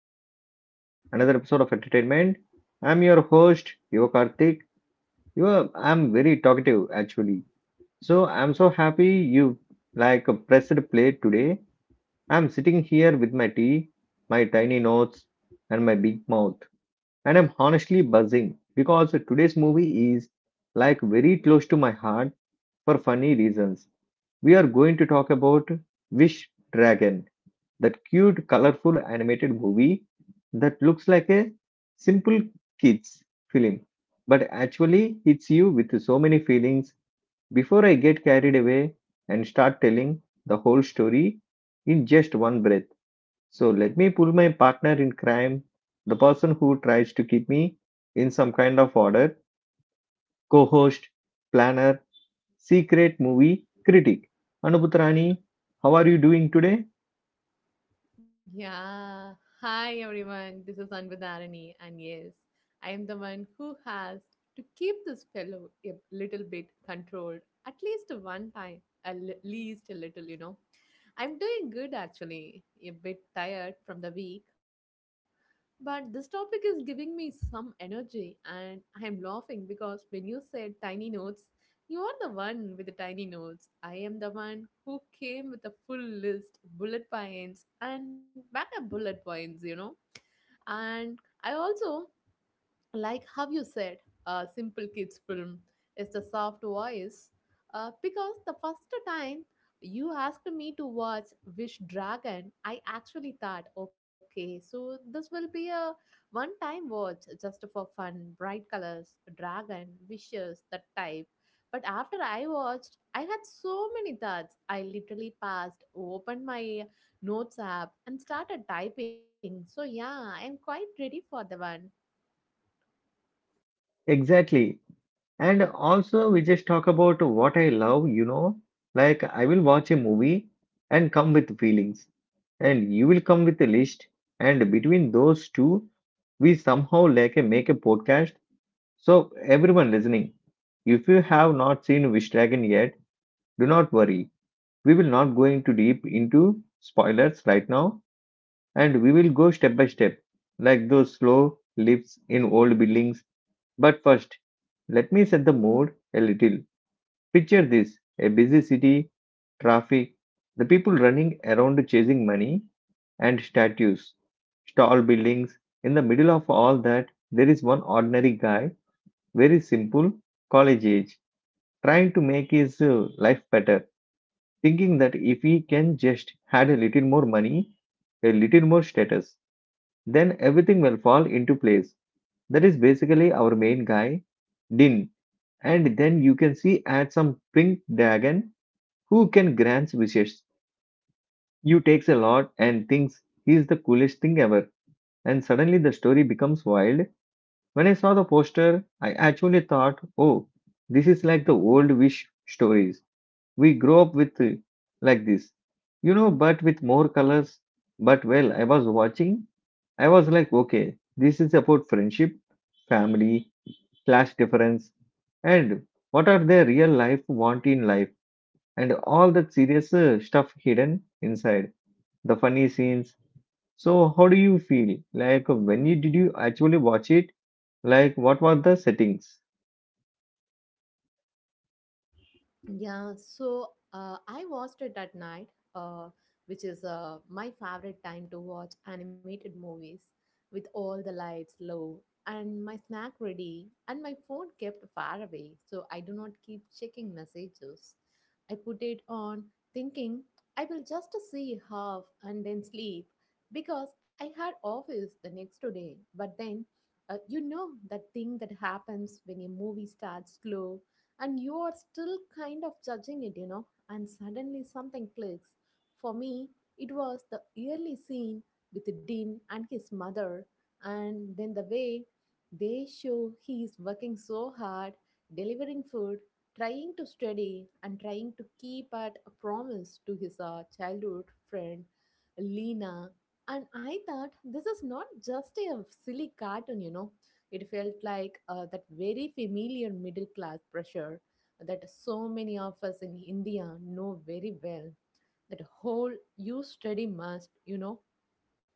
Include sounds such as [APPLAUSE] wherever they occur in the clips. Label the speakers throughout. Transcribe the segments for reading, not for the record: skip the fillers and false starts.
Speaker 1: welcome back to another episode of Entertainment. I'm your host, Yuva Karthik. Yuva, I'm very talkative actually. So I'm so happy you pressed play today. I'm sitting here with my tea, my tiny notes, and my big mouth. And I'm honestly buzzing because today's movie is very close to my heart for funny reasons. We are going to talk about Wish Dragon, that cute, colorful animated movie that looks like a simple kids film, but actually hits you with so many feelings before I get carried away and start telling the whole story in just one breath. So let me pull my partner in crime, the person who tries to keep me in some kind of order, co-host, planner, secret movie critic. Anubhutrani, how are you doing today?
Speaker 2: Yeah. Hi, everyone. This is Anvadarani. And yes, I am the one who has to keep this fellow a little bit controlled at least one time, at least a little, you know. I'm doing good actually, a bit tired from the week, but this topic is giving me some energy, and I am laughing because when you said tiny notes, you are the one with the tiny notes. I am the one who came with a full list, bullet points, and backup bullet points, you know. And I also like how you said, a simple kids film is the soft voice. Because the first time you asked me to watch Wish Dragon, I actually thought, okay, so this will be a one-time watch just for fun, bright colors, dragon, wishes, that type. But after I watched, I had so many thoughts. I literally passed, opened my notes app, and started typing. So yeah, I'm quite ready for the one.
Speaker 1: Exactly. And also, we just talk about what I love, like I will watch a movie and come with feelings, and you will come with a list, and between those two, we somehow make a podcast. So everyone listening, if you have not seen Wish Dragon yet, do not worry. We will not going too deep into spoilers right now, and we will go step by step, like those slow lifts in old buildings. But first, let me set the mood a little. Picture this: a busy city, traffic, the people running around chasing money, and statues, tall buildings. In the middle of all that, there is one ordinary guy, very simple, college age, trying to make his life better, thinking that if he can just had a little more money, a little more status, then everything will fall into place. That is basically our main guy, Din. And then you can see at some pink dragon who can grant wishes. You takes a lot and thinks he is the coolest thing ever. And suddenly the story becomes wild. When I saw the poster, I actually thought, oh, this is like the old wish stories we grow up with, like this, you know, but with more colors. But well, I was watching, I was like, okay, this is about friendship, family, class difference, and what are their real life want in life, and all that serious stuff hidden inside the funny scenes. So, how do you feel? Like, when you did you actually watch it? Like, what were the settings?
Speaker 2: Yeah, so I watched it at night, uh, which is my favorite time to watch animated movies with all the lights low and my snack ready and my phone kept far away so I do not keep checking messages. I put it on thinking I will just see half and then sleep because I had office the next day. But then, you know that thing that happens when a movie starts slow and you are still kind of judging it, you know, and suddenly something clicks. For me, it was the early scene with Dean and his mother, and then the way they show he is working so hard, delivering food, trying to study, and trying to keep at a promise to his childhood friend Lena. And I thought this is not just a silly cartoon, you know. It felt like that very familiar middle class pressure that so many of us in India know very well. That whole you study must, you know,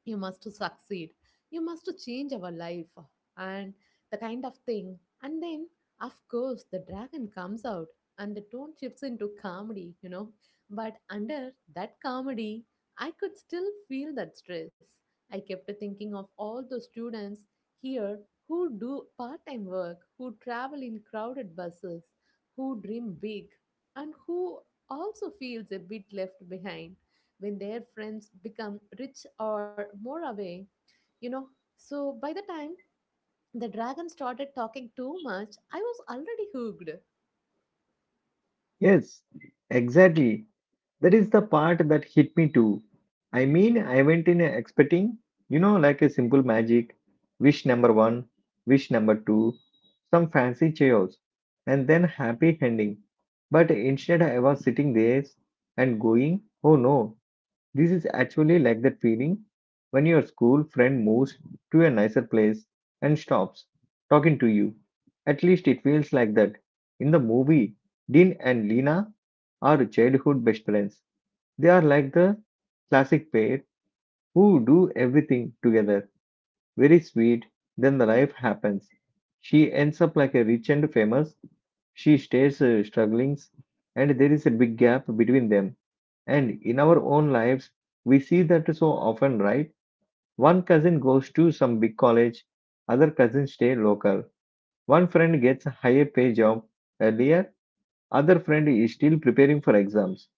Speaker 2: you must to succeed you must to change our life and the kind of thing and then of course the dragon comes out and the tone shifts into comedy, you know, but under that comedy I could still feel that stress. I kept thinking of all the students here who do part-time work, who travel in crowded buses, who dream big and who also feels a bit left behind when their friends become rich or more away, you know. So by the time the dragon started talking too much, I was already hooked.
Speaker 1: Yes, exactly. That is the part that hit me too. I mean, I went in expecting, you know, like a simple magic, wish number one, wish number two, some fancy chaos, and then happy ending. But instead, I was sitting there and going, oh no, this is actually like that feeling when your school friend moves to a nicer place and stops talking to you. At least it feels like that. In the movie, Dean and Lena are childhood best friends. They are like the classic pair who do everything together. Very sweet, then the life happens. She ends up like a rich and famous. She stays struggling, and there is a big gap between them. And in our own lives, we see that so often, right? One cousin goes to some big college, other cousins stay local. One friend gets a higher pay job earlier, other friend is still preparing for exams.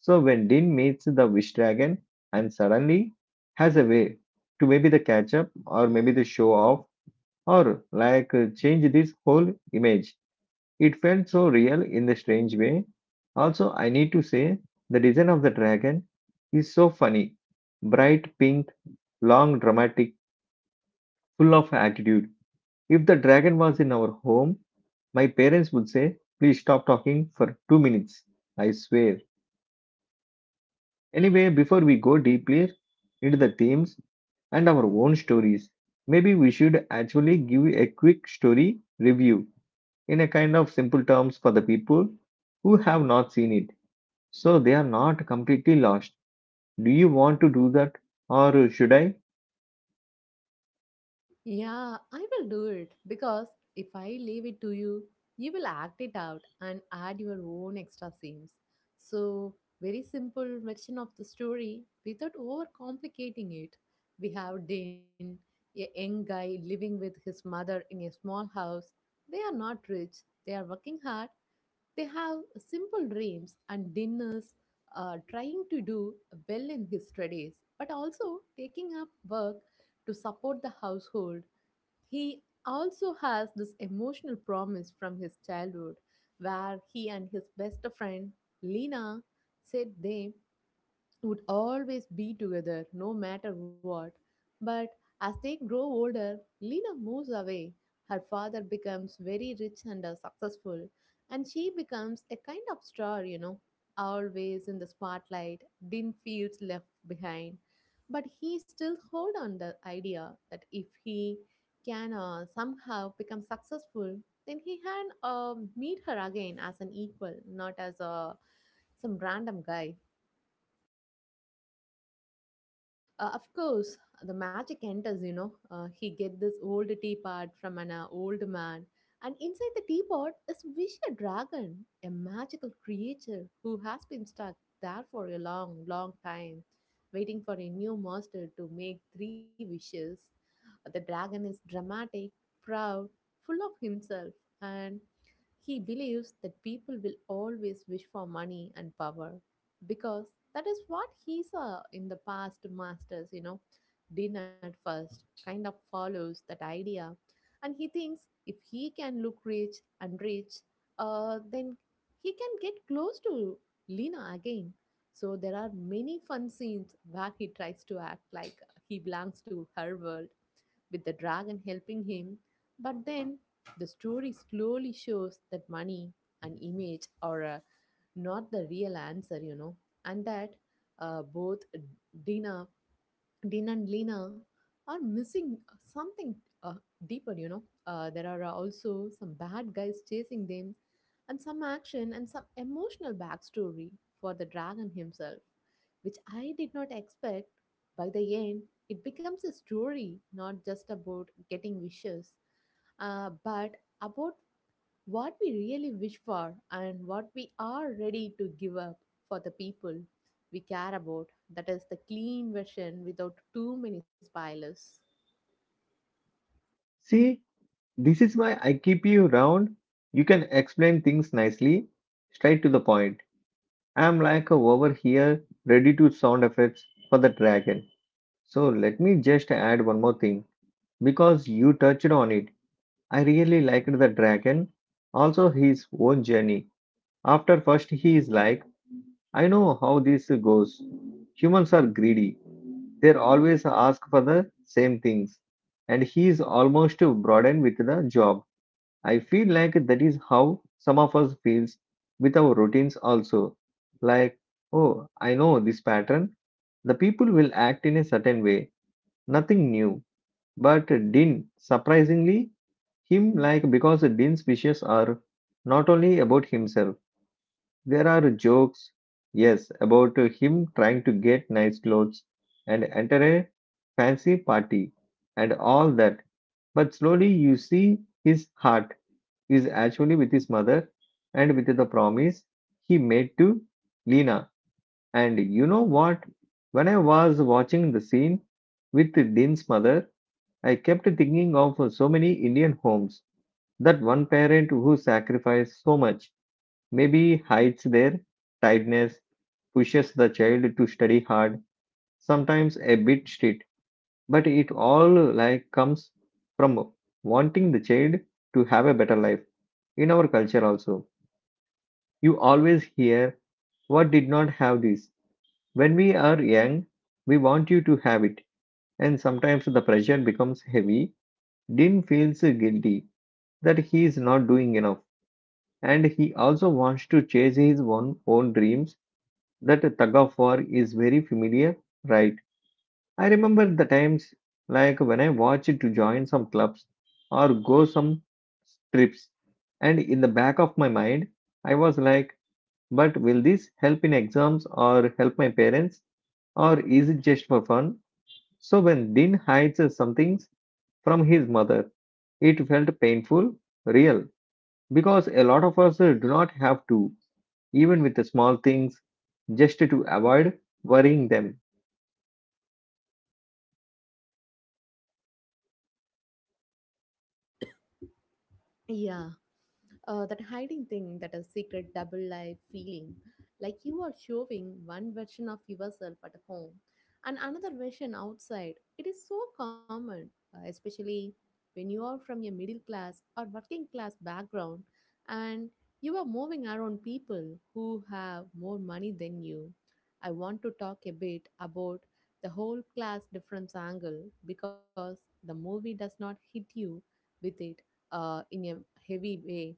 Speaker 1: So when Dean meets the wish dragon and suddenly has a way to maybe the catch up or maybe the show off or change this whole image, it felt so real in the strange way. Also, I need to say the design of the dragon is so funny. Bright pink, long, dramatic, full of attitude. If the dragon was in our home, my parents would say, "Please stop talking for 2 minutes." I swear. Anyway, before we go deeply into the themes and our own stories, maybe we should actually give a quick story review in a kind of simple terms for the people who have not seen it, so they are not completely lost. Do you want to do that, or should I?
Speaker 2: Yeah, I will do it because if I leave it to you, you will act it out and add your own extra scenes. So, very simple version of the story without overcomplicating it. We have Din, a young guy living with his mother in a small house. They are not rich, they are working hard. They have simple dreams and dinners, trying to do well in his studies, but also taking up work to support the household. He also has this emotional promise from his childhood where he and his best friend Lena said they would always be together no matter what. But as they grow older, Lena moves away. Her father becomes very rich and successful, and she becomes a kind of star, you know, always in the spotlight. Din feels left behind, but he still hold on the idea that if he can somehow become successful, then he can meet her again as an equal, not as a some random guy. Of course, the magic enters, you know. He get this old teapot from an old man, and inside the teapot is Wish a dragon, a magical creature who has been stuck there for a long, long time, waiting for a new master to make three wishes. The dragon is dramatic, proud, full of himself, and he believes that people will always wish for money and power because that is what he saw in the past masters, you know. Din at first kind of follows that idea, and he thinks if he can look rich and rich, then he can get close to Lena again. So there are many fun scenes where he tries to act like he belongs to her world with the dragon helping him. But then the story slowly shows that money and image are not the real answer, you know, and that both Dina Din and Lena are missing something uh, deeper, you know. There are also some bad guys chasing them, and some action and some emotional backstory for the dragon himself, which I did not expect. By the end, it becomes a story not just about getting wishes, but about what we really wish for and what we are ready to give up for the people we care about. That is the clean version without too many spoilers.
Speaker 1: See, this is why I keep you round. You can explain things nicely, straight to the point. I'm like over here, ready to sound effects for the dragon. So let me just add one more thing. Because you touched on it, I really liked the dragon, also his own journey. After first, he is like, I know how this goes. Humans are greedy. They always ask for the same things. And he is almost broadened with the job. I feel like that is how some of us feels with our routines also. Like, oh, I know this pattern. The people will act in a certain way. Nothing new. But Din, surprisingly, him like because Din's wishes are not only about himself. There are jokes, yes, about him trying to get nice clothes and enter a fancy party and all that. But slowly you see his heart is actually with his mother and with the promise he made to Lena. And you know what? When I was watching the scene with Dean's mother, I kept thinking of so many Indian homes. That one parent who sacrificed so much, maybe hides their tiredness, pushes the child to study hard, sometimes a bit strict, but it all comes from wanting the child to have a better life. In our culture also, you always hear what did not have this. When we are young, we want you to have it, and sometimes the pressure becomes heavy. Din feels guilty that he is not doing enough, and he also wants to chase his own dreams. That tug of war is very familiar, right? I remember the times like when I watch it to join some clubs or go some trips, and in the back of my mind, I was like, but will this help in exams or help my parents, or is it just for fun? So when Din hides some things from his mother, it felt painful, real, because a lot of us do not have to, even with the small things, just to avoid worrying them.
Speaker 2: Yeah, that hiding thing, that a secret double life feeling, like you are showing one version of yourself at home and another version outside. It is so common, especially when you are from a middle class or working class background and you are moving around people who have more money than you. I want to talk a bit about the whole class difference angle because the movie does not hit you with it in a heavy way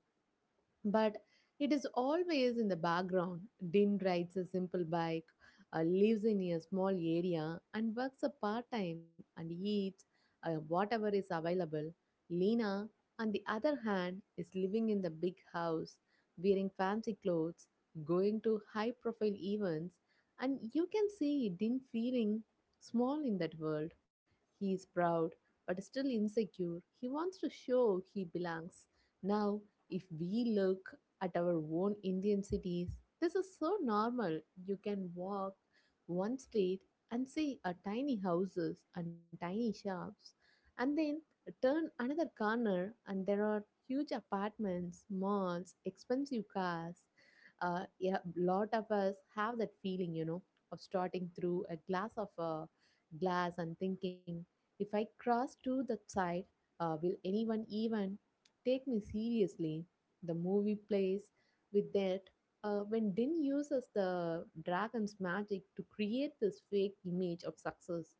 Speaker 2: but it is always in the background. Din rides a simple bike, lives in a small area, and works a part time and eats whatever is available. Lena, on the other hand, is living in the big house, wearing fancy clothes, going to high profile events, and you can see Din feeling small in that world. He is proud, but still insecure. He wants to show he belongs. Now, if we look at our own Indian cities, this is so normal. You can walk one street and see a tiny houses and tiny shops, and then turn another corner, and there are huge apartments, malls, expensive cars. Yeah, lot of us have that feeling, you know, of starting through a glass of a glass and thinking, if I cross to that side, will anyone even take me seriously? The movie plays with that when Din uses the dragon's magic to create this fake image of success.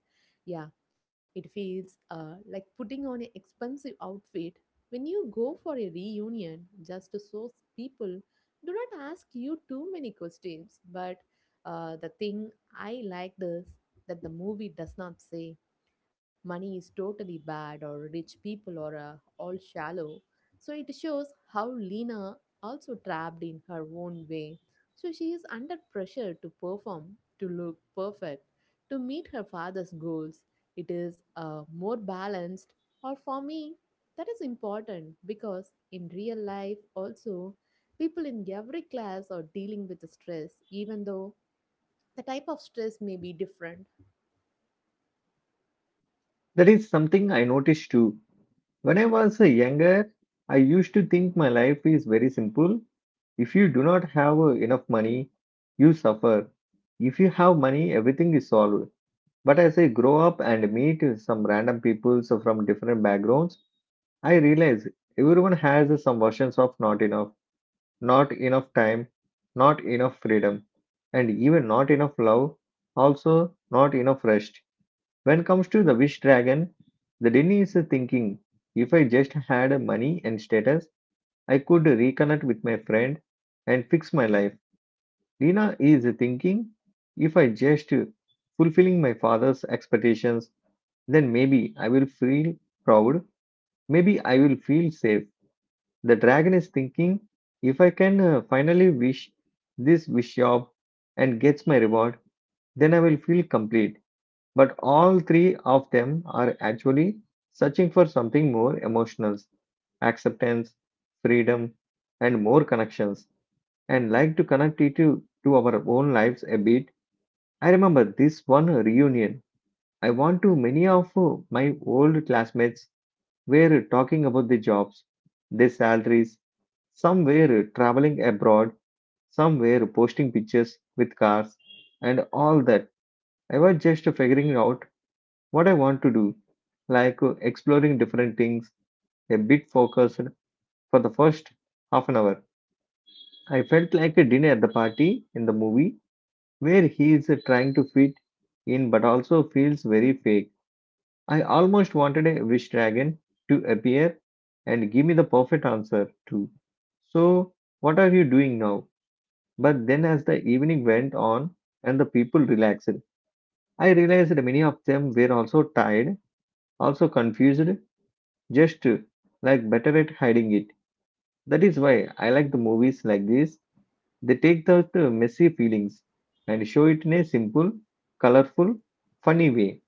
Speaker 2: Yeah, it feels like putting on an expensive outfit when you go for a reunion just to so people do not ask you too many questions. But the thing I liked is that the movie does not say money is totally bad or rich people are all shallow. So it shows how Lena also trapped in her own way. So she is under pressure to perform, to look perfect, to meet her father's goals. It is more balanced, or for me, that is important because in real life also people in every class are dealing with the stress even though the type of stress may be different.
Speaker 1: That is something I noticed too. When I was younger, I used to think my life is very simple. If you do not have enough money, you suffer. If you have money, everything is solved. But as I grow up and meet some random people so from different backgrounds, I realize everyone has some versions of not enough, not enough time, not enough freedom, and even not enough love, also not enough rest. When comes to the wish dragon, the Denny is thinking, if I just had money and status, I could reconnect with my friend and fix my life. Lina is thinking, if I just fulfilling my father's expectations, then maybe I will feel proud. Maybe I will feel safe. The dragon is thinking, if I can finally wish this wish job and gets my reward, then I will feel complete. But all three of them are actually searching for something more emotional: acceptance, freedom, and more connections. And like to connect it to our own lives a bit. I remember this one reunion. I want to many of my old classmates were talking about their jobs, their salaries, some were traveling abroad, some were posting pictures with cars, and all that. I was just figuring out what I want to do, exploring different things, a bit focused. For the first half an hour, I felt like a dinner at the party in the movie where he is trying to fit in but also feels very fake. I almost wanted a wish dragon to appear and give me the perfect answer too. So, what are you doing now? But then, as the evening went on and the people relaxed, I realized that many of them were also tired, also confused, just like better at hiding it. That is why I like the movies like this. They take the messy feelings and show it in a simple, colorful, funny way.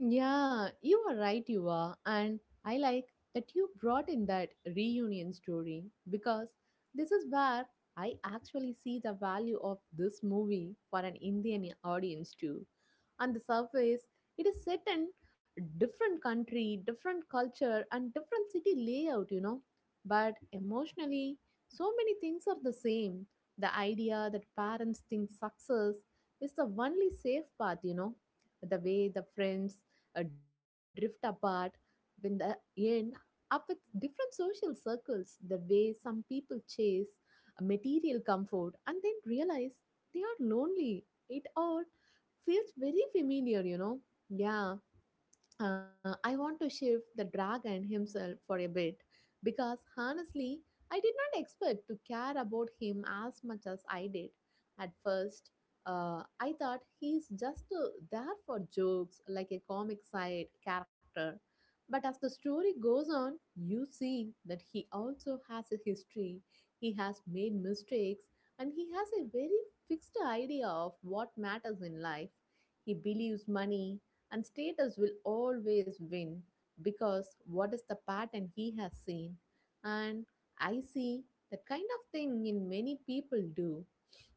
Speaker 2: Yeah, you are right, you are. And I like that you brought in that reunion story because this is where I actually see the value of this movie for an Indian audience, too. On the surface, it is set in different country, different culture, and different city layout, you know. But emotionally, so many things are the same. The idea that parents think success is the only safe path, you know, the way the friends drift apart in the end up with different social circles, the way some people chase a material comfort and then realize they are lonely, it all feels very familiar, you know. Yeah, I want to shift the dragon himself for a bit because honestly, I did not expect to care about him as much as I did. At first, I thought he's just there for jokes like a comic side character. But as the story goes on, you see that he also has a history, he has made mistakes, and he has a very fixed idea of what matters in life. He believes money and status will always win because what is the pattern he has seen? And I see that kind of thing in many people do,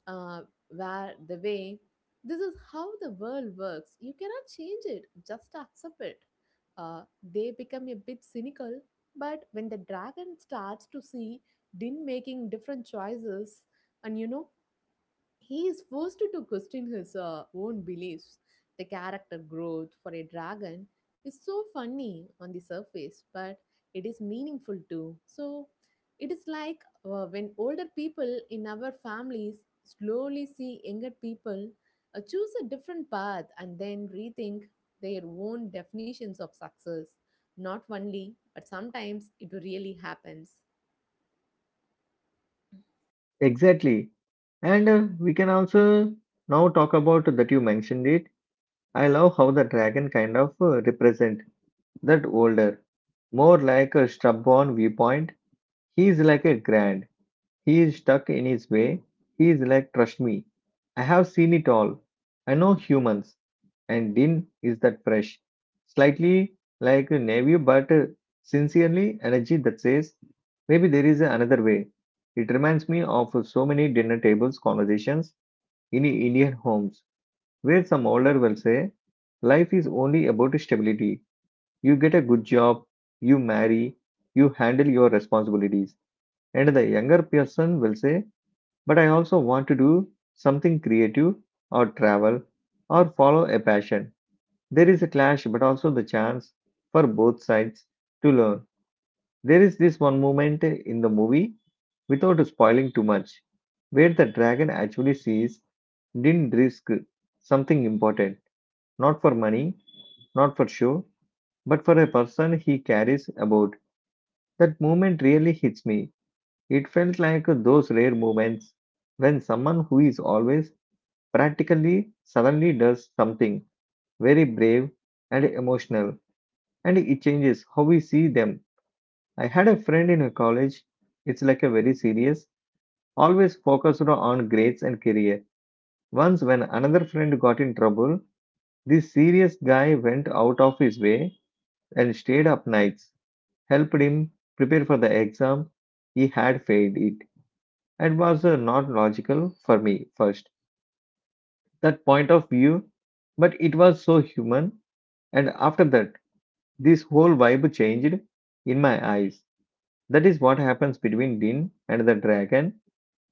Speaker 2: uh, where the way this is how the world works. You cannot change it, just accept it. Uh, they become a bit cynical, but when the dragon starts to see Din making different choices, and you know he is forced to question his own beliefs. The character growth for a dragon is so funny on the surface, but it is meaningful too. So, it is like when older people in our families slowly see younger people choose a different path and then rethink their own definitions of success. Not only, but sometimes it really happens.
Speaker 1: Exactly. And we can also now talk about that you mentioned it. I love how the dragon kind of represent that older, more like a stubborn viewpoint. He is like a grand. He is stuck in his way. He is like, trust me, I have seen it all. I know humans. And Din is that fresh, slightly like a navy, but sincerely energy that says maybe there is another way. It reminds me of so many dinner tables conversations in Indian homes where some older will say, life is only about stability. You get a good job, you marry, you handle your responsibilities. And the younger person will say, but I also want to do something creative or travel or follow a passion. There is a clash, but also the chance for both sides to learn. There is this one moment in the movie, without spoiling too much, where the dragon actually sees didn't risk something important, not for money, not for show, but for a person he carries about. That moment really hits me. It felt like those rare moments when someone who is always practically suddenly does something very brave and emotional, and it changes how we see them. I had a friend in a college, it's like a very serious, always focused on grades and career. Once, when another friend got in trouble, this serious guy went out of his way and stayed up nights, helped him prepare for the exam. He had failed it and was not logical for me first, that point of view, but it was so human. And after that, this whole vibe changed in my eyes. That is what happens between Din and the dragon.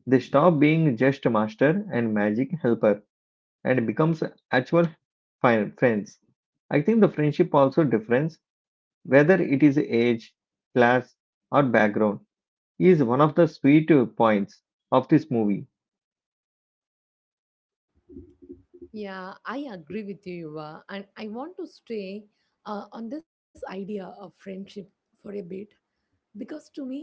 Speaker 1: They stop being just master and magic helper and becomes actual friends. I think the friendship also difference whether it is age, class, or background is one of the sweet points of this movie.
Speaker 2: Yeah, I agree with you, Yuva. And I want to stay on this idea of friendship for a bit because to me,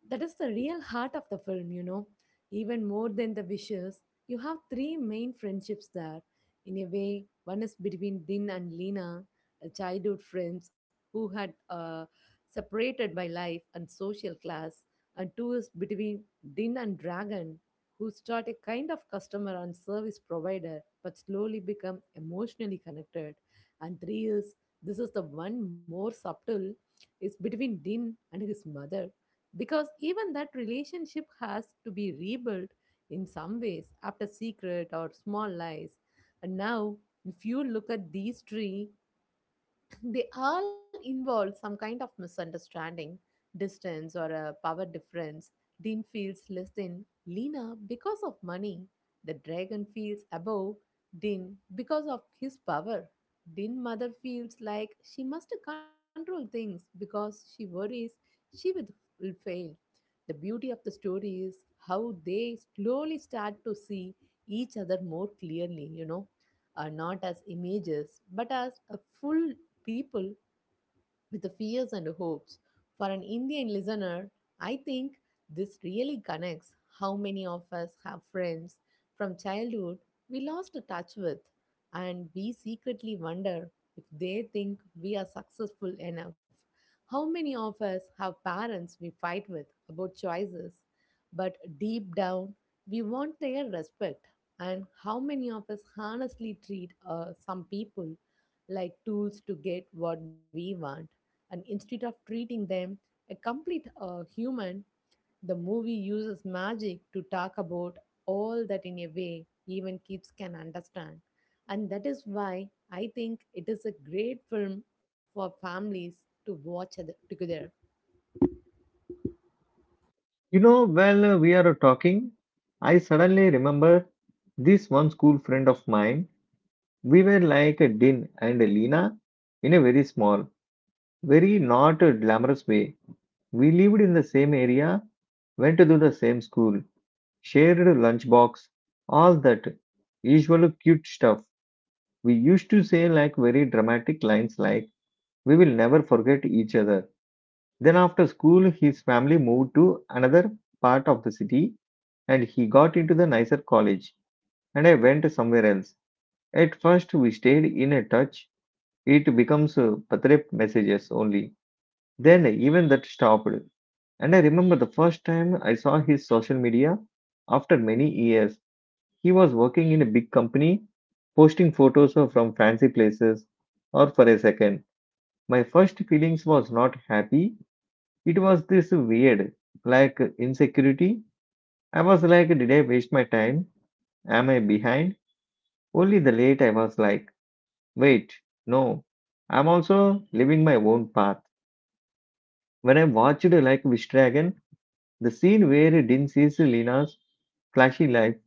Speaker 2: that is the real heart of the film, you know. Even more than the wishes, you have three main friendships there. In a way, one is between Din and Lina, childhood friends who had separated by life and social class, and two is between Din and Dragon, who start a kind of customer and service provider but slowly become emotionally connected. And three is, this is the one more subtle, is between Din and his mother because even that relationship has to be rebuilt in some ways after secret or small lies. And now if you look at these three [CLEARS THROAT] they all involve some kind of misunderstanding, distance, or a power difference. Dean feels less than Lena because of money. The dragon feels above Din because of his power. Din mother feels like she must control things because she worries she will fail. The beauty of the story is how they slowly start to see each other more clearly, you know, not as images, but as a full people with the fears and hopes. For an Indian listener, I think this really connects how many of us have friends from childhood we lost touch with, and we secretly wonder if they think we are successful enough. How many of us have parents we fight with about choices, but deep down we want their respect? And how many of us honestly treat some people like tools to get what we want? And instead of treating them a complete human. The movie uses magic to talk about all that in a way even kids can understand, and that is why I think it is a great film for families to watch together.
Speaker 1: You know, while we are talking, I suddenly remember this one school friend of mine. We were like Din and Lena in a very small, very not glamorous way. We lived in the same area, went to the same school, shared a lunchbox, all that usual cute stuff. We used to say like very dramatic lines like, we will never forget each other. Then after school, his family moved to another part of the city and he got into the nicer college and I went somewhere else. At first, we stayed in a touch. It becomes patrep messages only. Then even that stopped. And I remember the first time I saw his social media after many years. He was working in a big company, posting photos of from fancy places, or for a second. My first feelings was not happy. It was this weird, like insecurity. I was like, did I waste my time? Am I behind? Only the late I was like, wait, no. I'm also living my own path. When I watched like Wish Dragon, the scene where Din sees Lena's flashy life,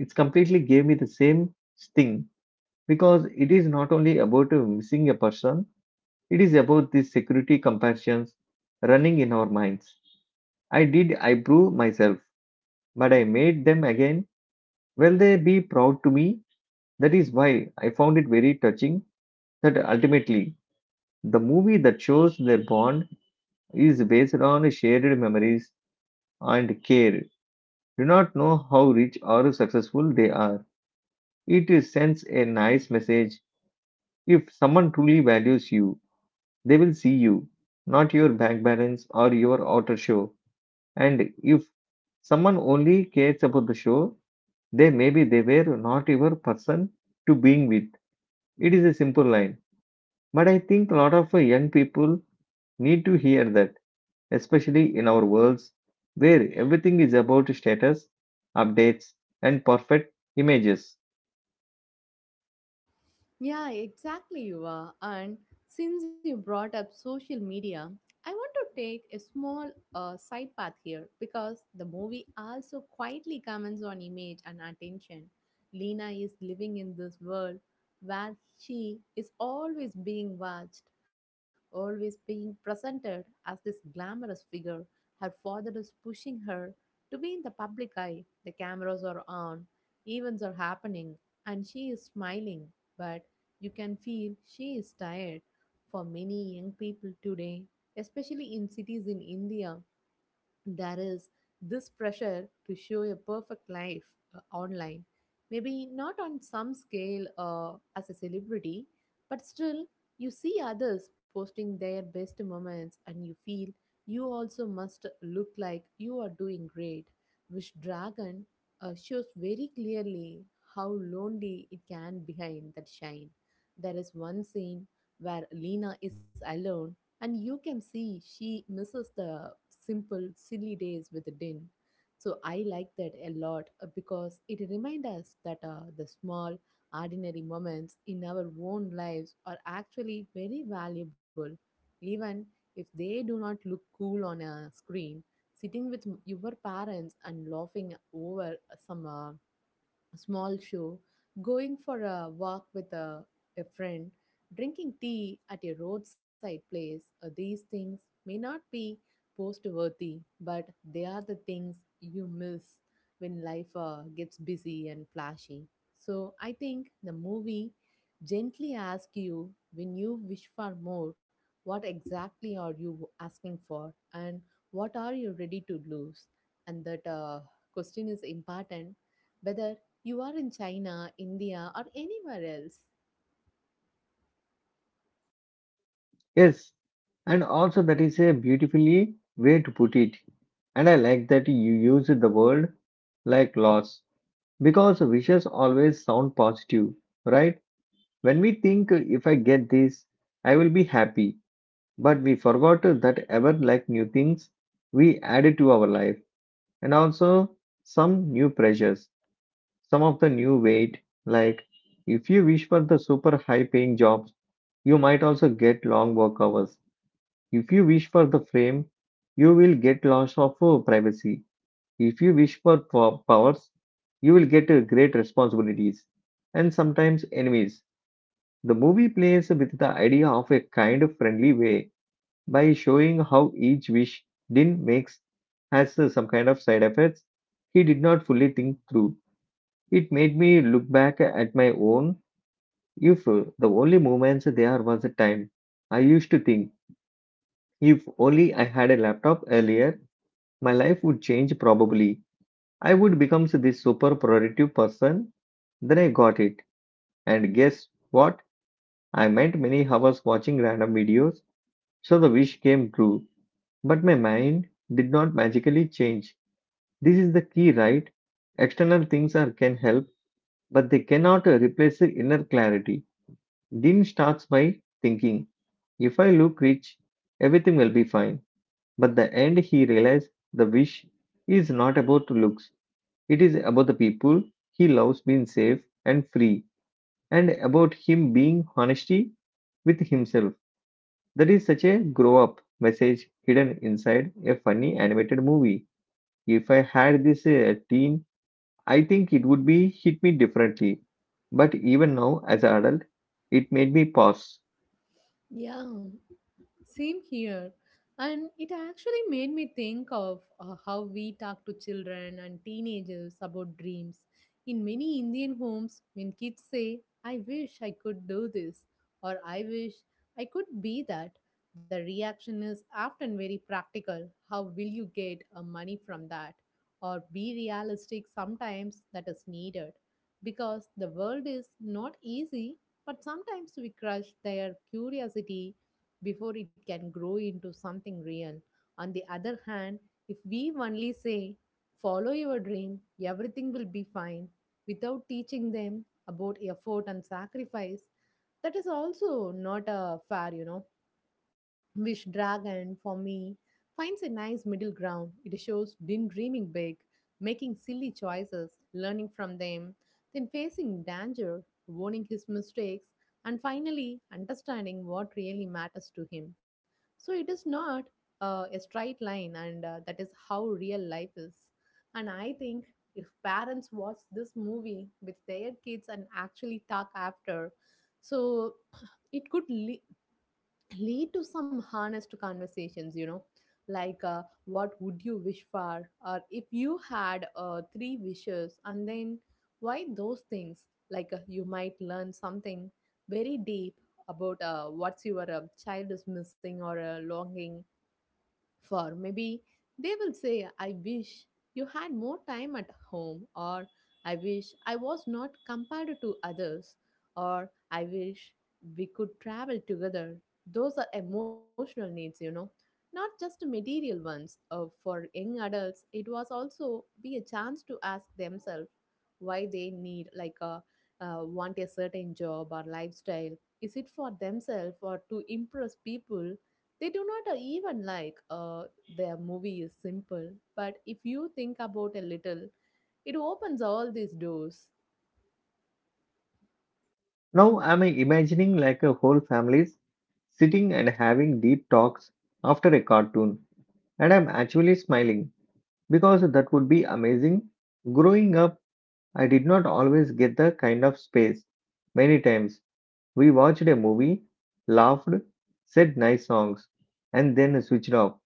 Speaker 1: it's completely gave me the same sting because it is not only about missing a person, it is about these security comparisons running in our minds. I did I prove myself, but I made them again, will they be proud to me? That is why I found it very touching that ultimately the movie that shows their bond is based on shared memories and care, do not know how rich or successful they are. It sends a nice message. If someone truly values you, they will see you, not your bank balance or your outer show. And if someone only cares about the show, they maybe they were not your person to being with. It is a simple line. But I think a lot of young people need to hear that, especially in our worlds where everything is about status, updates, and perfect images.
Speaker 2: Yeah, exactly, you are. And since you brought up social media, I want to take a small side path here because the movie also quietly comments on image and attention. Lena is living in this world where she is always being watched, always being presented as this glamorous figure. Her father is pushing her to be in the public eye. The cameras are on, events are happening, and she is smiling. But you can feel she is tired. For many young people today, especially in cities in India, there is this pressure to show a perfect life online. Maybe not on some scale as a celebrity, but still, you see others posting their best moments and you feel you also must look like you are doing great, which Dragon shows very clearly how lonely it can behind that shine. There is one scene where Lena is alone and you can see she misses the simple, silly days with the Din. So I like that a lot because it reminds us that the small, ordinary moments in our own lives are actually very valuable, even if they do not look cool on a screen. Sitting with your parents and laughing over some a small show, going for a walk with a friend, drinking tea at a roadside place, these things may not be post worthy, but they are the things you miss when life gets busy and flashy. So I think the movie gently asks you, when you wish for more, what exactly are you asking for, and what are you ready to lose? And that question is important whether you are in China, India, or anywhere else.
Speaker 1: Yes, and also that is a beautifully way to put it. And I like that you use the word like loss because wishes always sound positive, right? When we think if I get this, I will be happy, but we forgot that ever like new things we added to our life and also some new pressures, some of the new weight. Like if you wish for the super high paying jobs, you might also get long work hours. If you wish for the fame, you will get loss of privacy. If you wish for powers, you will get great responsibilities and sometimes enemies. The movie plays with the idea of a kind of friendly way by showing how each wish Din makes has some kind of side effects he did not fully think through. It made me look back at my own if the only moments there was a time. I used to think if only I had a laptop earlier, my life would change probably. I would become this super productive person. Then I got it. And guess what? I spent many hours watching random videos, so the wish came true. But my mind did not magically change. This is the key, right? External things are can help, but they cannot replace the inner clarity. Din starts by thinking, if I look rich, everything will be fine. But the end he realized the wish is not about looks. It is about the people he loves being safe and free, and about him being honesty with himself. That is such a grow up message hidden inside a funny animated movie. If I had this teen, I think it would be hit me differently. But even now, as an adult, it made me pause.
Speaker 2: Yeah, same here. And it actually made me think of how we talk to children and teenagers about dreams. In many Indian homes, when kids say, I wish I could do this, or I wish I could be that, the reaction is often very practical. How will you get money from that? Or be realistic. Sometimes that is needed. Because the world is not easy, but sometimes we crush their curiosity before it can grow into something real. On the other hand, if we only say, follow your dream, everything will be fine, without teaching them about effort and sacrifice, that is also not fair, you know. Which Dragon, for me, finds a nice middle ground. It shows Din dreaming big, making silly choices, learning from them, then facing danger, owning his mistakes, and finally understanding what really matters to him. So it is not a straight line, and that is how real life is. And I think if parents watch this movie with their kids and actually talk after, so it could lead to some honest conversations, you know, like what would you wish for, or if you had three wishes, and then why those things. Like you might learn something very deep about what's your child is missing or longing for. Maybe they will say, I wish you had more time at home, or I wish I was not compared to others, or I wish we could travel together. Those are emotional needs, you know, not just material ones. For young adults, it was also be a chance to ask themselves why they need like a want a certain job or lifestyle. Is it for themselves or to impress people they do not even like. Uh, their movie is simple, but if you think about a little, it opens all these doors.
Speaker 1: Now am I imagining like a whole families sitting and having deep talks after a cartoon, and I'm actually smiling because that would be amazing. Growing up, I did not always get the kind of space. Many times, we watched a movie, laughed, said nice songs, and then switched off.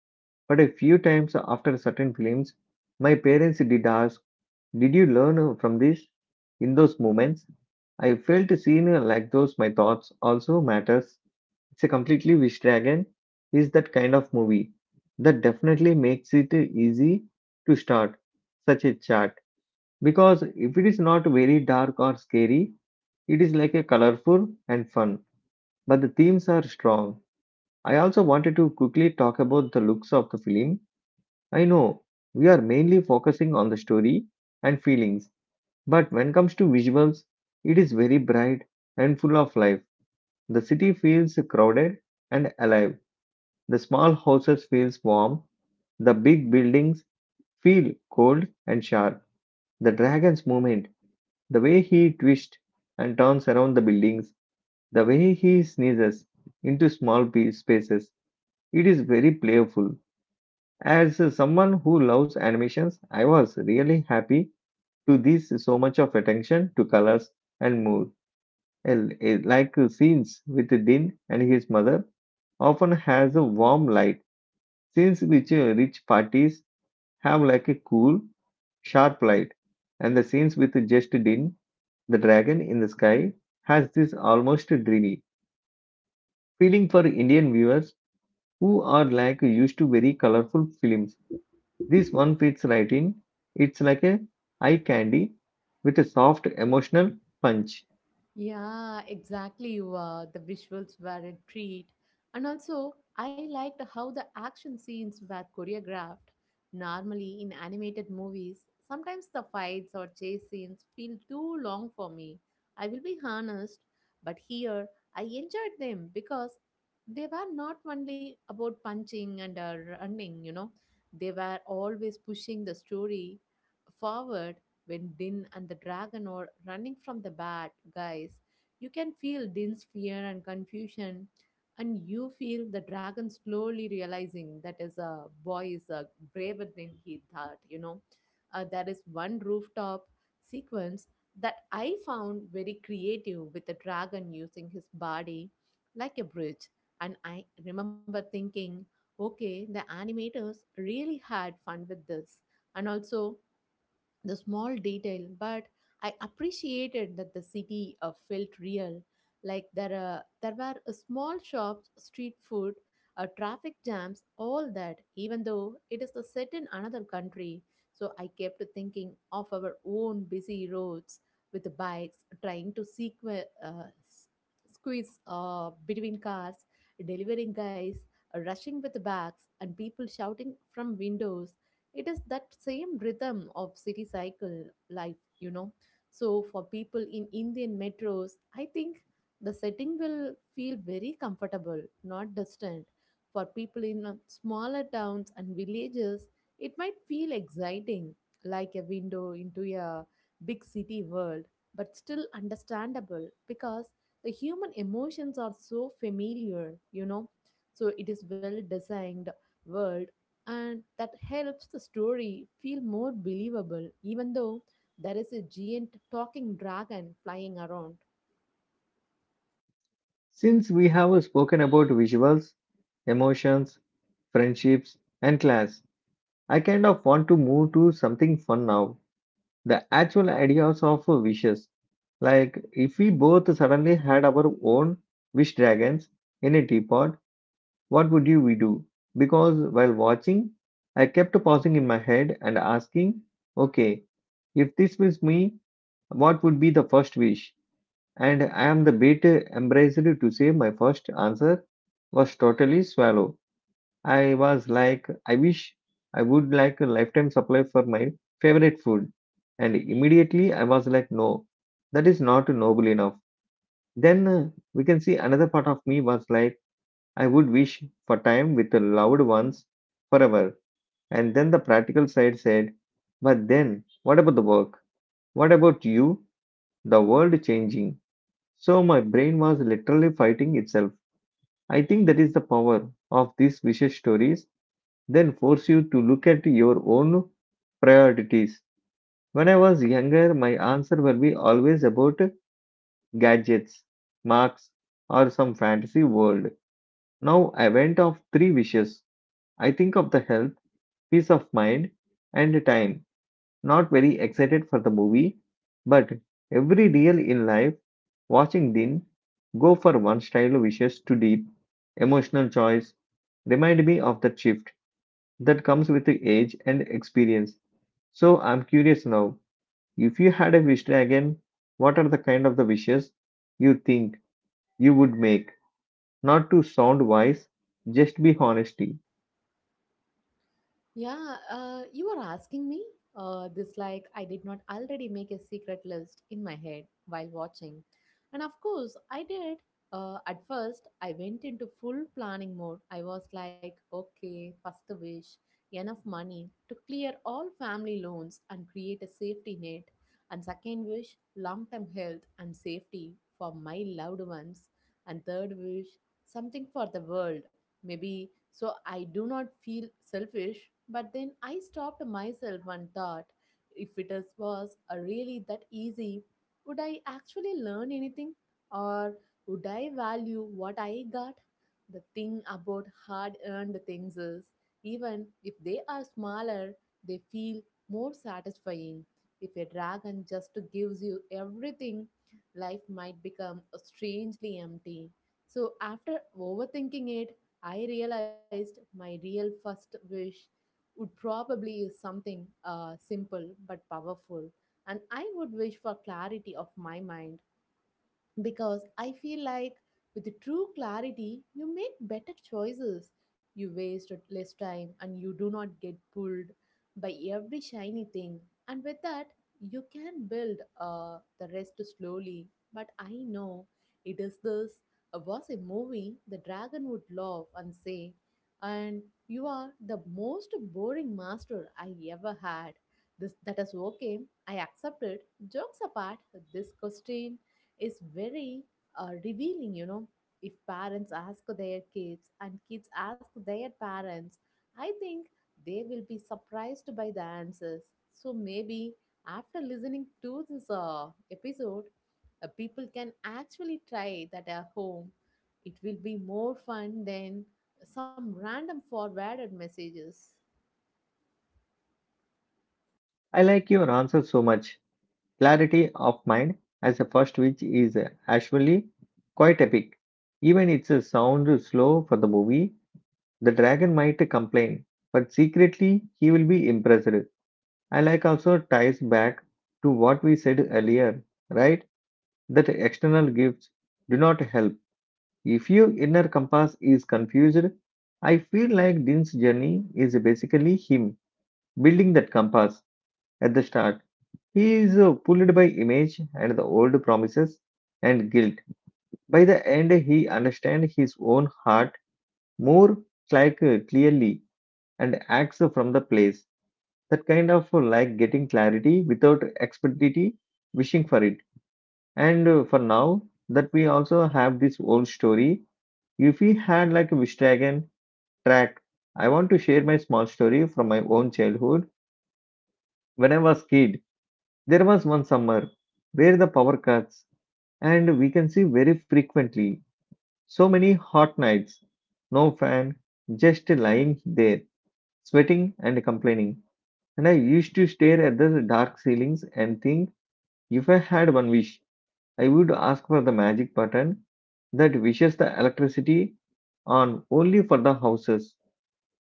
Speaker 1: But a few times after certain films, my parents did ask, did you learn from this? In those moments, I felt seen like those my thoughts also matters. It's a completely wish dragon is that kind of movie that definitely makes it easy to start such a chat because if it is not very dark or scary, it is like a colorful and fun. But the themes are strong. I also wanted to quickly talk about the looks of the film. I know we are mainly focusing on the story and feelings, but when it comes to visuals, it is very bright and full of life. The city feels crowded and alive. The small houses feels warm, the big buildings feel cold and sharp. The dragon's movement, the way he twists and turns around the buildings, the way he sneezes into small spaces, it is very playful. As someone who loves animations, I was really happy to this so much of attention to colors and mood. Like scenes with Din and his mother often has a warm light, scenes which rich parties have like a cool, sharp light, and the scenes with just Din, the dragon in the sky, has this almost dreamy feeling for Indian viewers who are like used to very colorful films. This one fits right in. It's like a eye candy with a soft emotional punch.
Speaker 2: Yeah, exactly. You are. The visuals were a treat. And also, I liked how the action scenes were choreographed. Normally, in animated movies, sometimes the fights or chase scenes feel too long for me. I will be honest, but here I enjoyed them because they were not only about punching and running, you know, they were always pushing the story forward. When Din and the dragon are running from the bad guys, you can feel Din's fear and confusion, and you feel the dragon slowly realizing that his boy is braver than he thought. You know, there is one rooftop sequence that I found very creative with the dragon using his body like a bridge. And I remember thinking, okay, the animators really had fun with this. And also, the small detail, but I appreciated that the city felt real. Like there were small shops, street food, traffic jams, all that, even though it is a set in another country. So I kept thinking of our own busy roads with the bikes, trying to squeeze between cars, delivering guys, rushing with bags, and people shouting from windows. It is that same rhythm of city cycle life, you know. So for people in Indian metros, I think the setting will feel very comfortable, not distant. For people in smaller towns and villages, it might feel exciting, like a window into a big city world, but still understandable because the human emotions are so familiar, you know. So it is well designed world, and that helps the story feel more believable even though there is a giant talking dragon flying around.
Speaker 1: Since we have spoken about visuals, emotions, friendships, and class, I kind of want to move to something fun now, the actual ideas of wishes. Like, if we both suddenly had our own wish dragons in a teapot, what would you we do? Because while watching, I kept pausing in my head and asking, okay, if this was me, what would be the first wish? And I am the bit embarrassed to say my first answer was totally swallow. I was like, I wish I would like a lifetime supply for my favorite food. And immediately I was like, no, that is not noble enough. Then we can see another part of me was like, I would wish for time with the loved ones forever. And then the practical side said, but then what about the work? What about you? The world changing. So my brain was literally fighting itself. I think that is the power of these wishes stories then force you to look at your own priorities. When I was younger, my answer will be always about gadgets, marks, or some fantasy world. Now I went off three wishes. I think of the health, peace of mind, and time. Not very excited for the movie, but every deal in life, watching Din go for one style wishes to deep, emotional choice remind me of that shift that comes with the age and experience. So I'm curious now, if you had a wish again, what are the kind of the wishes you think you would make? Not to sound wise, just be honesty.
Speaker 2: Yeah, you are asking me this like I did not already make a secret list in my head while watching. And of course, I did. At first, I went into full planning mode. I was like, okay, first wish, enough money to clear all family loans and create a safety net. And second wish, long term health and safety for my loved ones. And third wish, something for the world. Maybe so I do not feel selfish, but then I stopped myself and thought, if was really that easy, would I actually learn anything, or would I value what I got? The thing about hard earned things is, even if they are smaller, they feel more satisfying. If a dragon just gives you everything, life might become strangely empty. So, after overthinking it, I realized my real first wish would probably is something simple but powerful, and I would wish for clarity of my mind because I feel like with true clarity, you make better choices. You waste less time and you do not get pulled by every shiny thing. And with that, you can build the rest slowly. But I know it is this was a movie, the dragon would laugh and say, and you are the most boring master I ever had. This that is okay. I accept it. Jokes apart, this question is very revealing, you know. If parents ask their kids and kids ask their parents, I think they will be surprised by the answers. So maybe after listening to this episode, people can actually try that at home. It will be more fun than some random forwarded messages.
Speaker 1: I like your answer so much. Clarity of mind as a first wish is actually quite epic. Even it's a sound slow for the movie, the dragon might complain, but secretly he will be impressed. I like also ties back to what we said earlier, right? That external gifts do not help. If your inner compass is confused, I feel like Dean's journey is basically him building that compass at the start. He is pulled by image and the old promises and guilt. By the end, he understands his own heart more like clearly and acts from the place. That kind of like getting clarity without expectity, wishing for it. And For now, that we also have this old story. If we had a Vishtagan track, I want to share my small story from my own childhood. When I was kid, there was one summer where the power cuts and we can see very frequently. So many hot nights, no fan, just lying there, sweating and complaining. And I used to stare at the dark ceilings and think if I had one wish, I would ask for the magic button that wishes the electricity on only for the houses,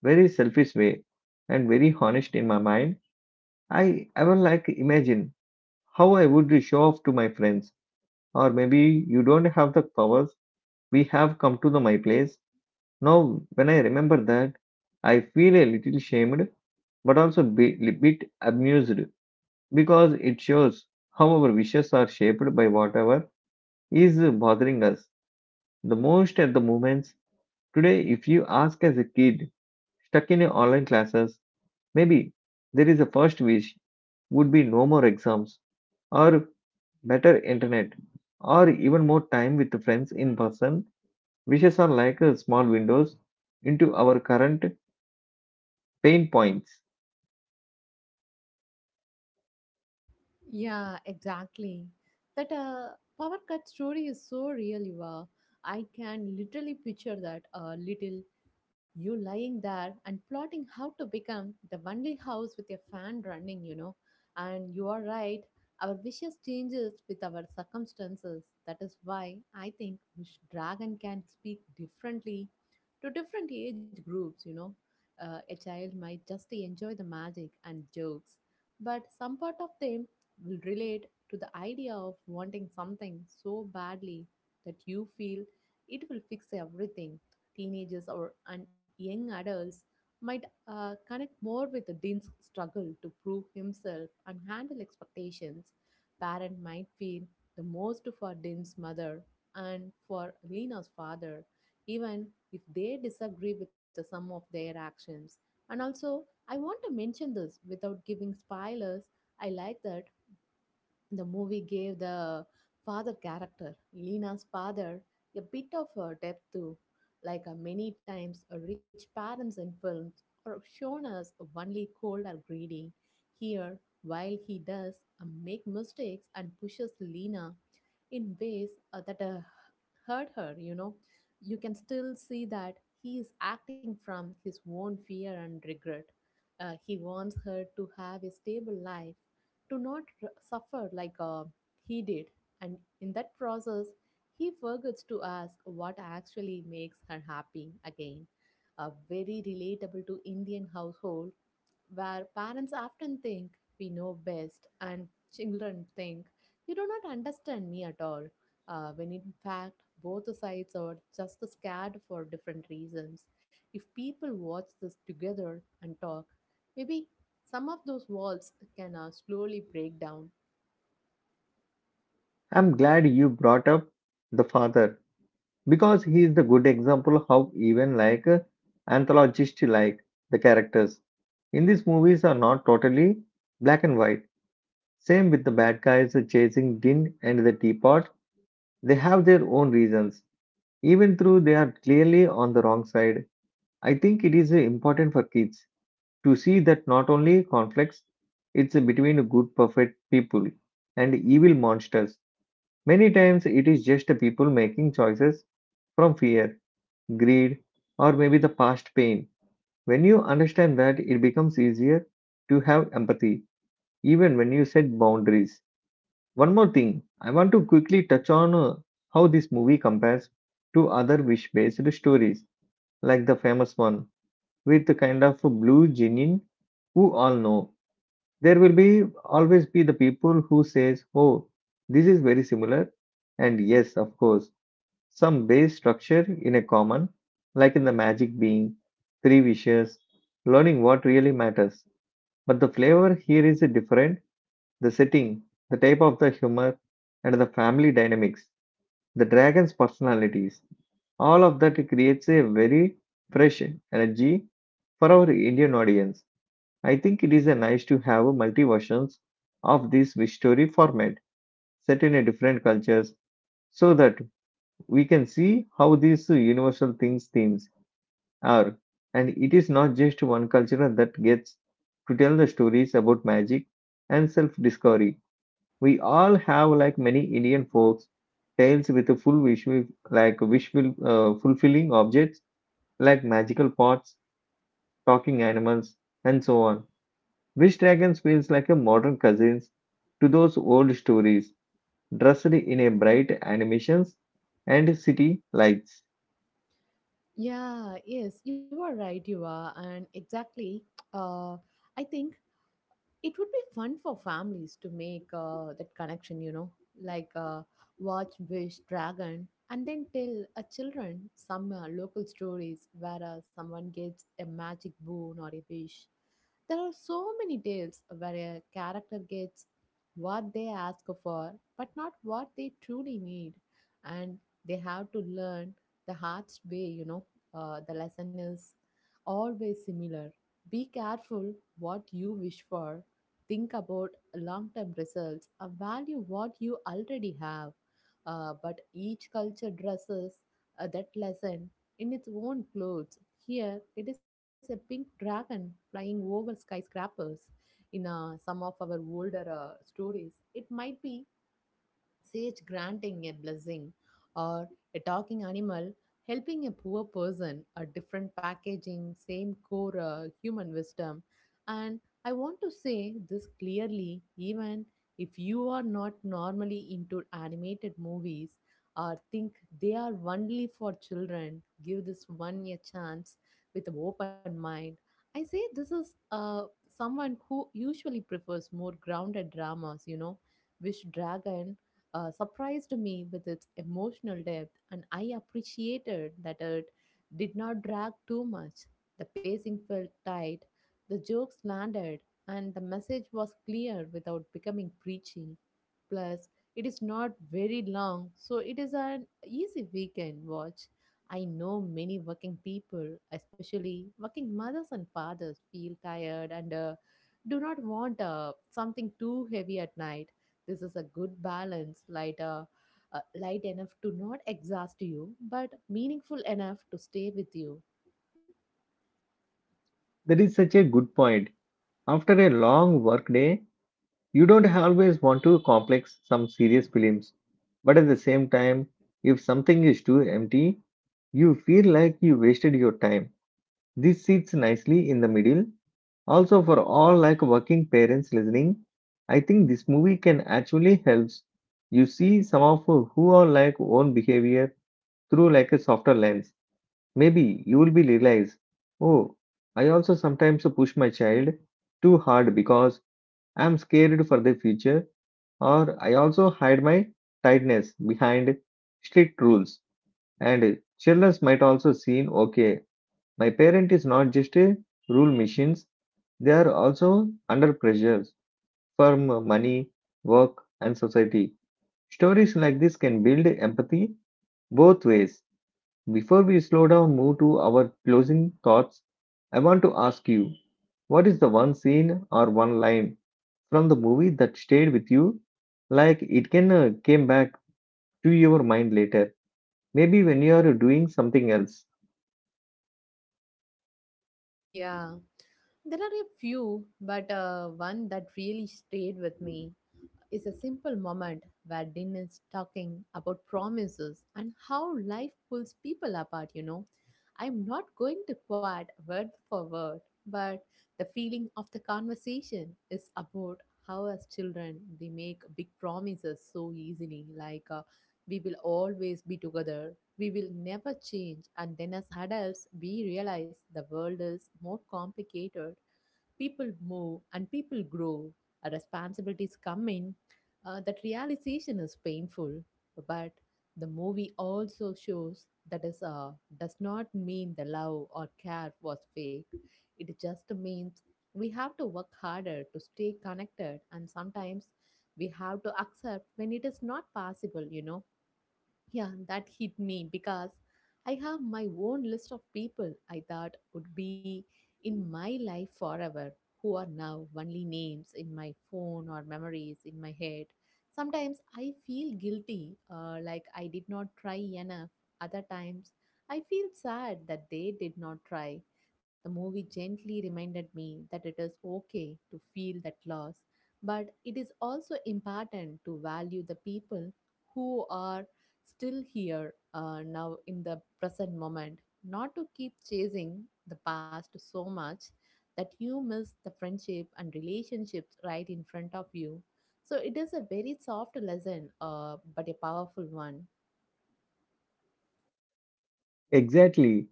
Speaker 1: very selfish way and very honest in my mind. I ever like imagine how I would show off to my friends, or maybe you don't have the powers. We have come to the my place. Now, when I remember that, I feel a little shamed, but also a bit amused because it shows how our wishes are shaped by whatever is bothering us the most at the moments. Today, if you ask as a kid stuck in a online classes, maybe there is a first wish would be no more exams, or better internet, or even more time with friends in person. Wishes are like small windows into our current pain points.
Speaker 2: Yeah, exactly. That power cut story is so real, you Yuva. I can literally picture that little you lying there and plotting how to become the only house with a fan running, you know. And you are right, our wishes changes with our circumstances. That is why I think wish dragon can speak differently to different age groups, you know. A child might just enjoy the magic and jokes, but some part of them will relate to the idea of wanting something so badly that you feel it will fix everything. Teenagers or and young adults might connect more with Dean's struggle to prove himself and handle expectations. Parent might feel the most for Dean's mother and for Lena's father, even if they disagree with some of their actions. And also, I want to mention this without giving spoilers. I like that the movie gave the father character, Lena's father, a bit of a depth too. Like many times, rich parents in films are shown as only cold or greedy. Here, while he does make mistakes and pushes Lena in ways that hurt her, you know, you can still see that he is acting from his own fear and regret. He wants her to have a stable life, to not suffer like he did. And in that process, he forgets to ask what actually makes her happy again. A very relatable to Indian household where parents often think we know best and children think you do not understand me at all, when in fact both sides are just scared for different reasons. If people watch this together and talk, maybe some of those walls can slowly break down.
Speaker 1: I'm glad you brought up the father because he is the good example how even anthologist like the characters in these movies are not totally black and white. Same with the bad guys chasing Din and the teapot. They have their own reasons. Even though they are clearly on the wrong side, I think it is important for kids to see that not only conflicts, it's between good, perfect people and evil monsters. Many times it is just people making choices from fear, greed, or maybe the past pain. When you understand that, it becomes easier to have empathy, even when you set boundaries. One more thing, I want to quickly touch on how this movie compares to other wish based stories like the famous one with the kind of blue genie, who all know there will be always be the people who says, oh, this is very similar, and yes of course some base structure in a common, like in the magic being three wishes, learning what really matters, but the flavor here is different: the setting, the type of the humor, and the family dynamics, the dragon's personalities. All of that creates a very fresh energy for our Indian audience. I think it is a nice to have a multi versions of this wish story format set in a different cultures so that we can see how these universal things themes are, and it is not just one culture that gets to tell the stories about magic and self discovery. We all have like many Indian folks tales with a full wish, like wishful fulfilling objects like magical pots, talking animals and so on. Wish Dragons feels like a modern cousin to those old stories, dressed in a bright animations and city lights.
Speaker 2: Yeah, yes, you are right, you are, and exactly. Uh, I think it would be fun for families to make that connection, you know, like watch wish dragon and then tell a children some local stories where someone gets a magic boon or a wish. There are so many tales where a character gets what they ask for but not what they truly need, and they have to learn the hardest way, you know. The lesson is always similar: be careful what you wish for, think about long-term results, value what you already have. But each culture dresses that lesson in its own clothes. Here, it is a pink dragon flying over skyscrapers. In some of our older stories, it might be sage granting a blessing or a talking animal helping a poor person, a different packaging, same core human wisdom. And I want to say this clearly, even if you are not normally into animated movies or think they are only for children, give this one a chance with an open mind. I say this is someone who usually prefers more grounded dramas, you know. Wish dragon surprised me with its emotional depth, and I appreciated that it did not drag too much. The pacing felt tight, the jokes landed, and the message was clear without becoming preachy. Plus, it is not very long, so it is an easy weekend watch. I know many working people, especially working mothers and fathers, feel tired and do not want something too heavy at night. This is a good balance, light, light enough to not exhaust you, but meaningful enough to stay with you.
Speaker 1: That is such a good point. After a long workday, you don't always want to complex some serious films. But at the same time, if something is too empty, you feel like you wasted your time. This sits nicely in the middle. Also, for all like working parents listening, I think this movie can actually helps you see some of who are like own behavior through like a softer lens. Maybe you will be realize, oh, I also sometimes push my child too hard because I'm scared for the future, or I also hide my tightness behind strict rules. And children might also seen, okay, my parent is not just a rule machines. They are also under pressures from money, work, and society. Stories like this can build empathy both ways. Before we slow down, move to our closing thoughts. I want to ask you, what is the one scene or one line from the movie that stayed with you? Like it can came back to your mind later, maybe when you are doing something else.
Speaker 2: Yeah, there are a few, but one that really stayed with me is a simple moment where Din is talking about promises and how life pulls people apart, you know. I'm not going to quote word for word, but the feeling of the conversation is about how, as children, we make big promises so easily, like we will always be together, we will never change, and then as adults, we realize the world is more complicated. People move and people grow, responsibilities come in. That realization is painful, but the movie also shows that is does not mean the love or care was fake. It just means we have to work harder to stay connected, and sometimes we have to accept when it is not possible, you know. Yeah, and that hit me because I have my own list of people I thought would be in my life forever, who are now only names in my phone or memories in my head. Sometimes I feel guilty, like I did not try enough. Other times I feel sad that they did not try. The movie gently reminded me that it is okay to feel that loss, but it is also important to value the people who are still here now in the present moment, not to keep chasing the past so much that you miss the friendship and relationships right in front of you. So it is a very soft lesson, but a powerful one.
Speaker 1: Exactly.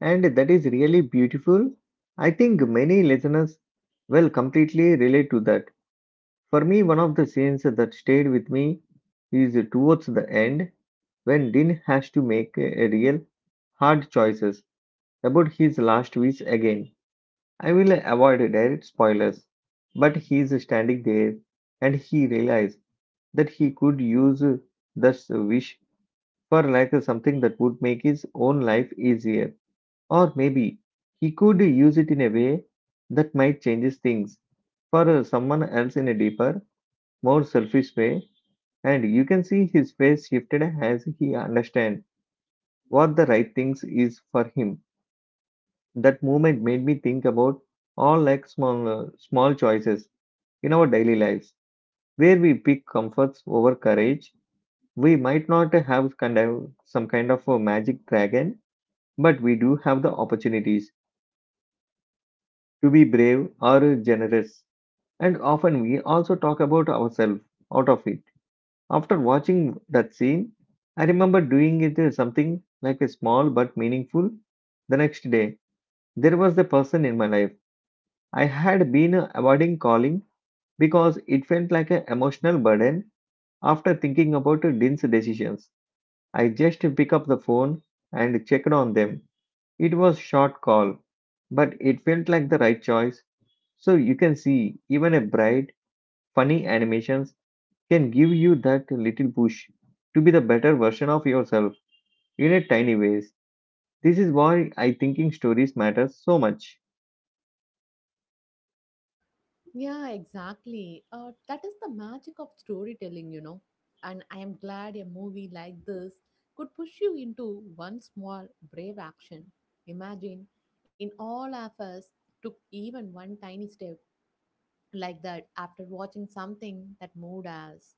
Speaker 1: And that is really beautiful. I think many listeners will completely relate to that. For me, one of the scenes that stayed with me is towards the end when Din has to make a real hard choices about his last wish again. I will avoid direct spoilers, but he is standing there and he realized that he could use this wish for like something that would make his own life easier, or maybe he could use it in a way that might change things for someone else in a deeper, more selfish way. And you can see his face shifted as he understand what the right things is for him. That moment made me think about all like small choices in our daily lives where we pick comforts over courage. We might not have kind of, some kind of a magic dragon, but we do have the opportunities to be brave or generous. And often we also talk about ourselves out of it. After watching that scene, I remember doing it as something like a small but meaningful. The next day, there was the person in my life I had been avoiding calling because it felt like an emotional burden. After thinking about Din's decisions, I just picked up the phone and checked on them. It was short call, but it felt like the right choice. So you can see even a bright, funny animations can give you that little push to be the better version of yourself in a tiny ways. This is why I thinking stories matter so much.
Speaker 2: Yeah, exactly. That is the magic of storytelling, you know. And I am glad a movie like this could push you into one small, brave action. Imagine, in all of us, took even one tiny step like that after watching something that moved us.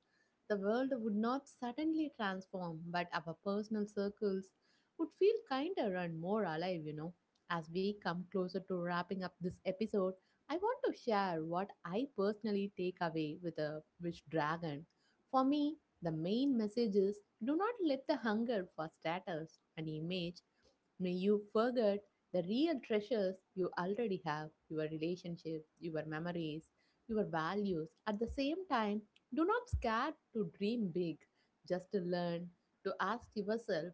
Speaker 2: The world would not suddenly transform, but our personal circles would feel kinder and more alive, you know. As we come closer to wrapping up this episode, I want to share what I personally take away with a wish dragon. For me, the main message is: do not let the hunger for status and image may you forget the real treasures you already have, your relationships, your memories, your values. At the same time, do not scare to dream big, just to learn to ask yourself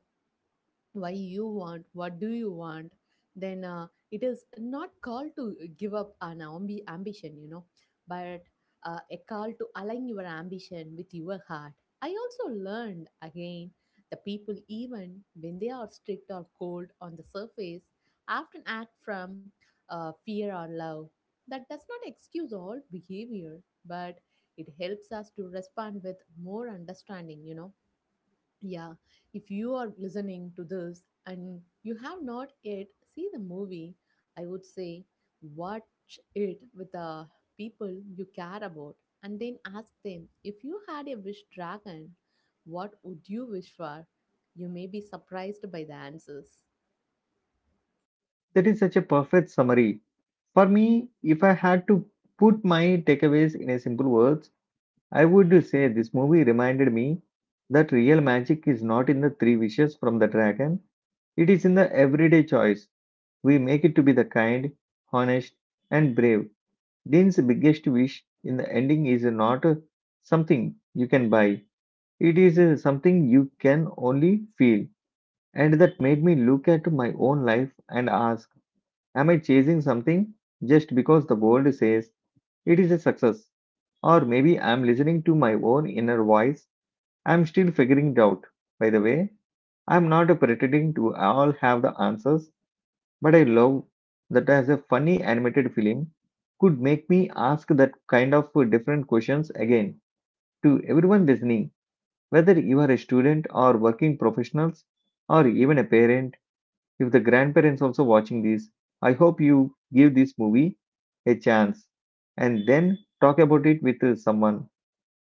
Speaker 2: why you want what do you want. Then it is not called to give up an ambition, you know, but a call to align your ambition with your heart. I also learned again the people, even when they are strict or cold on the surface, often act from fear or love. That does not excuse all behavior, but it helps us to respond with more understanding, you know. Yeah, if you are listening to this and you have not yet seen the movie, I would say watch it with the people you care about and then ask them, if you had a wish dragon, what would you wish for? You may be surprised by the answers.
Speaker 1: That is such a perfect summary. For me, if I had to put my takeaways in a simple words, I would say this movie reminded me that real magic is not in the three wishes from the dragon. It is in the everyday choice we make it to be the kind, honest, and brave. Dean's biggest wish in the ending is not something you can buy. It is something you can only feel. And that made me look at my own life and ask, am I chasing something just because the world says it is a success? Or maybe I'm listening to my own inner voice. I'm still figuring it out. By the way, I'm not pretending to all have the answers. But I love that as a funny animated film could make me ask that kind of different questions. Again, to everyone listening, whether you are a student or working professionals or even a parent. If the grandparents also watching this, I hope you give this movie a chance and then talk about it with someone.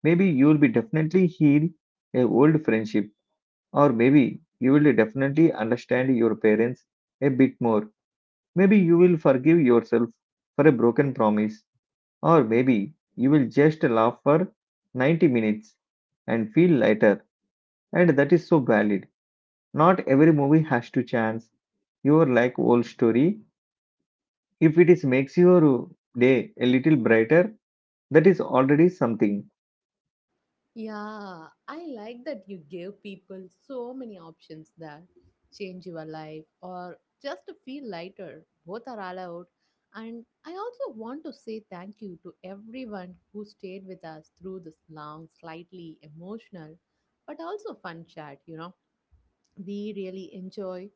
Speaker 1: Maybe you will be definitely heal a old friendship, or maybe you will definitely understand your parents a bit more. Maybe you will forgive yourself for a broken promise, or maybe you will just laugh for 90 minutes and feel lighter, and that is so valid. Not every movie has to chance your like old story. If it is makes your day a little brighter, that is already something.
Speaker 2: Yeah, I like that you give people so many options, that change your life or just to feel lighter. Both are allowed. And I also want to say thank you to everyone who stayed with us through this long, slightly emotional, but also fun chat. You know, we really enjoy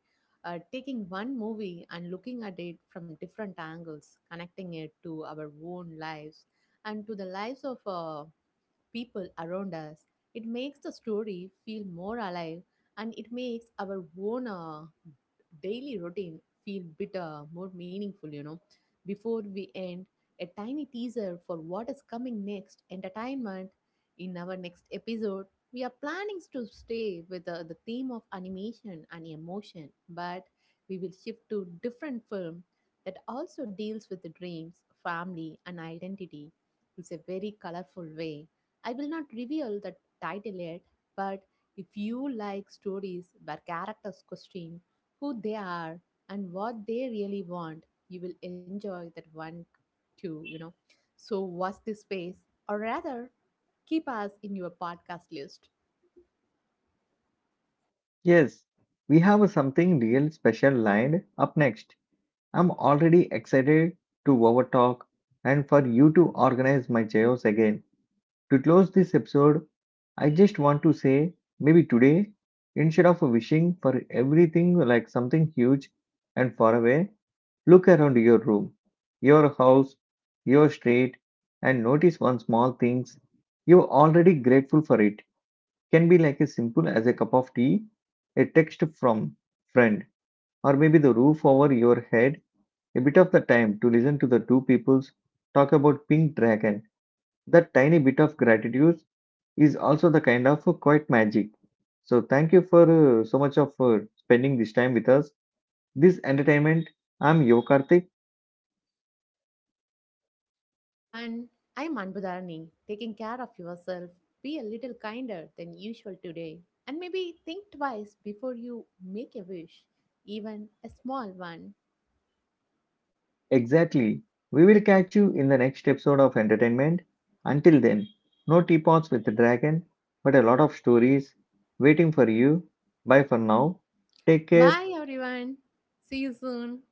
Speaker 2: taking one movie and looking at it from different angles, connecting it to our own lives and to the lives of people around us. It makes the story feel more alive, and it makes our own daily routine feel better, more meaningful, you know. Before we end, a tiny teaser for what is coming next entertainment in our next episode. We are planning to stay with the theme of animation and emotion, but we will shift to different film that also deals with the dreams, family, and identity. It's a very colorful way. I will not reveal the title yet, but if you like stories where characters question who they are and what they really want, you will enjoy that one too, you know. So, watch this space, or rather, keep us in your podcast list.
Speaker 1: Yes, we have something real special lined up next. I'm already excited to overtalk and for you to organize my chaos again. To close this episode, I just want to say maybe today, instead of wishing for everything like something huge and far away, look around your room, your house, your street, and notice one small things you're already grateful for it. Can be like as simple as a cup of tea, a text from friend, or maybe the roof over your head, a bit of the time to listen to the two peoples talk about pink dragon. That tiny bit of gratitude is also the kind of quite magic. So thank you for so much of spending this time with us. This entertainment, I'm Yokartik.
Speaker 2: And I'm Anbudharni, taking care of yourself. Be a little kinder than usual today. And maybe think twice before you make a wish, even a small one.
Speaker 1: Exactly. We will catch you in the next episode of entertainment. Until then, no teapots with the dragon, but a lot of stories waiting for you. Bye for now. Take care.
Speaker 2: Bye, everyone. See you soon.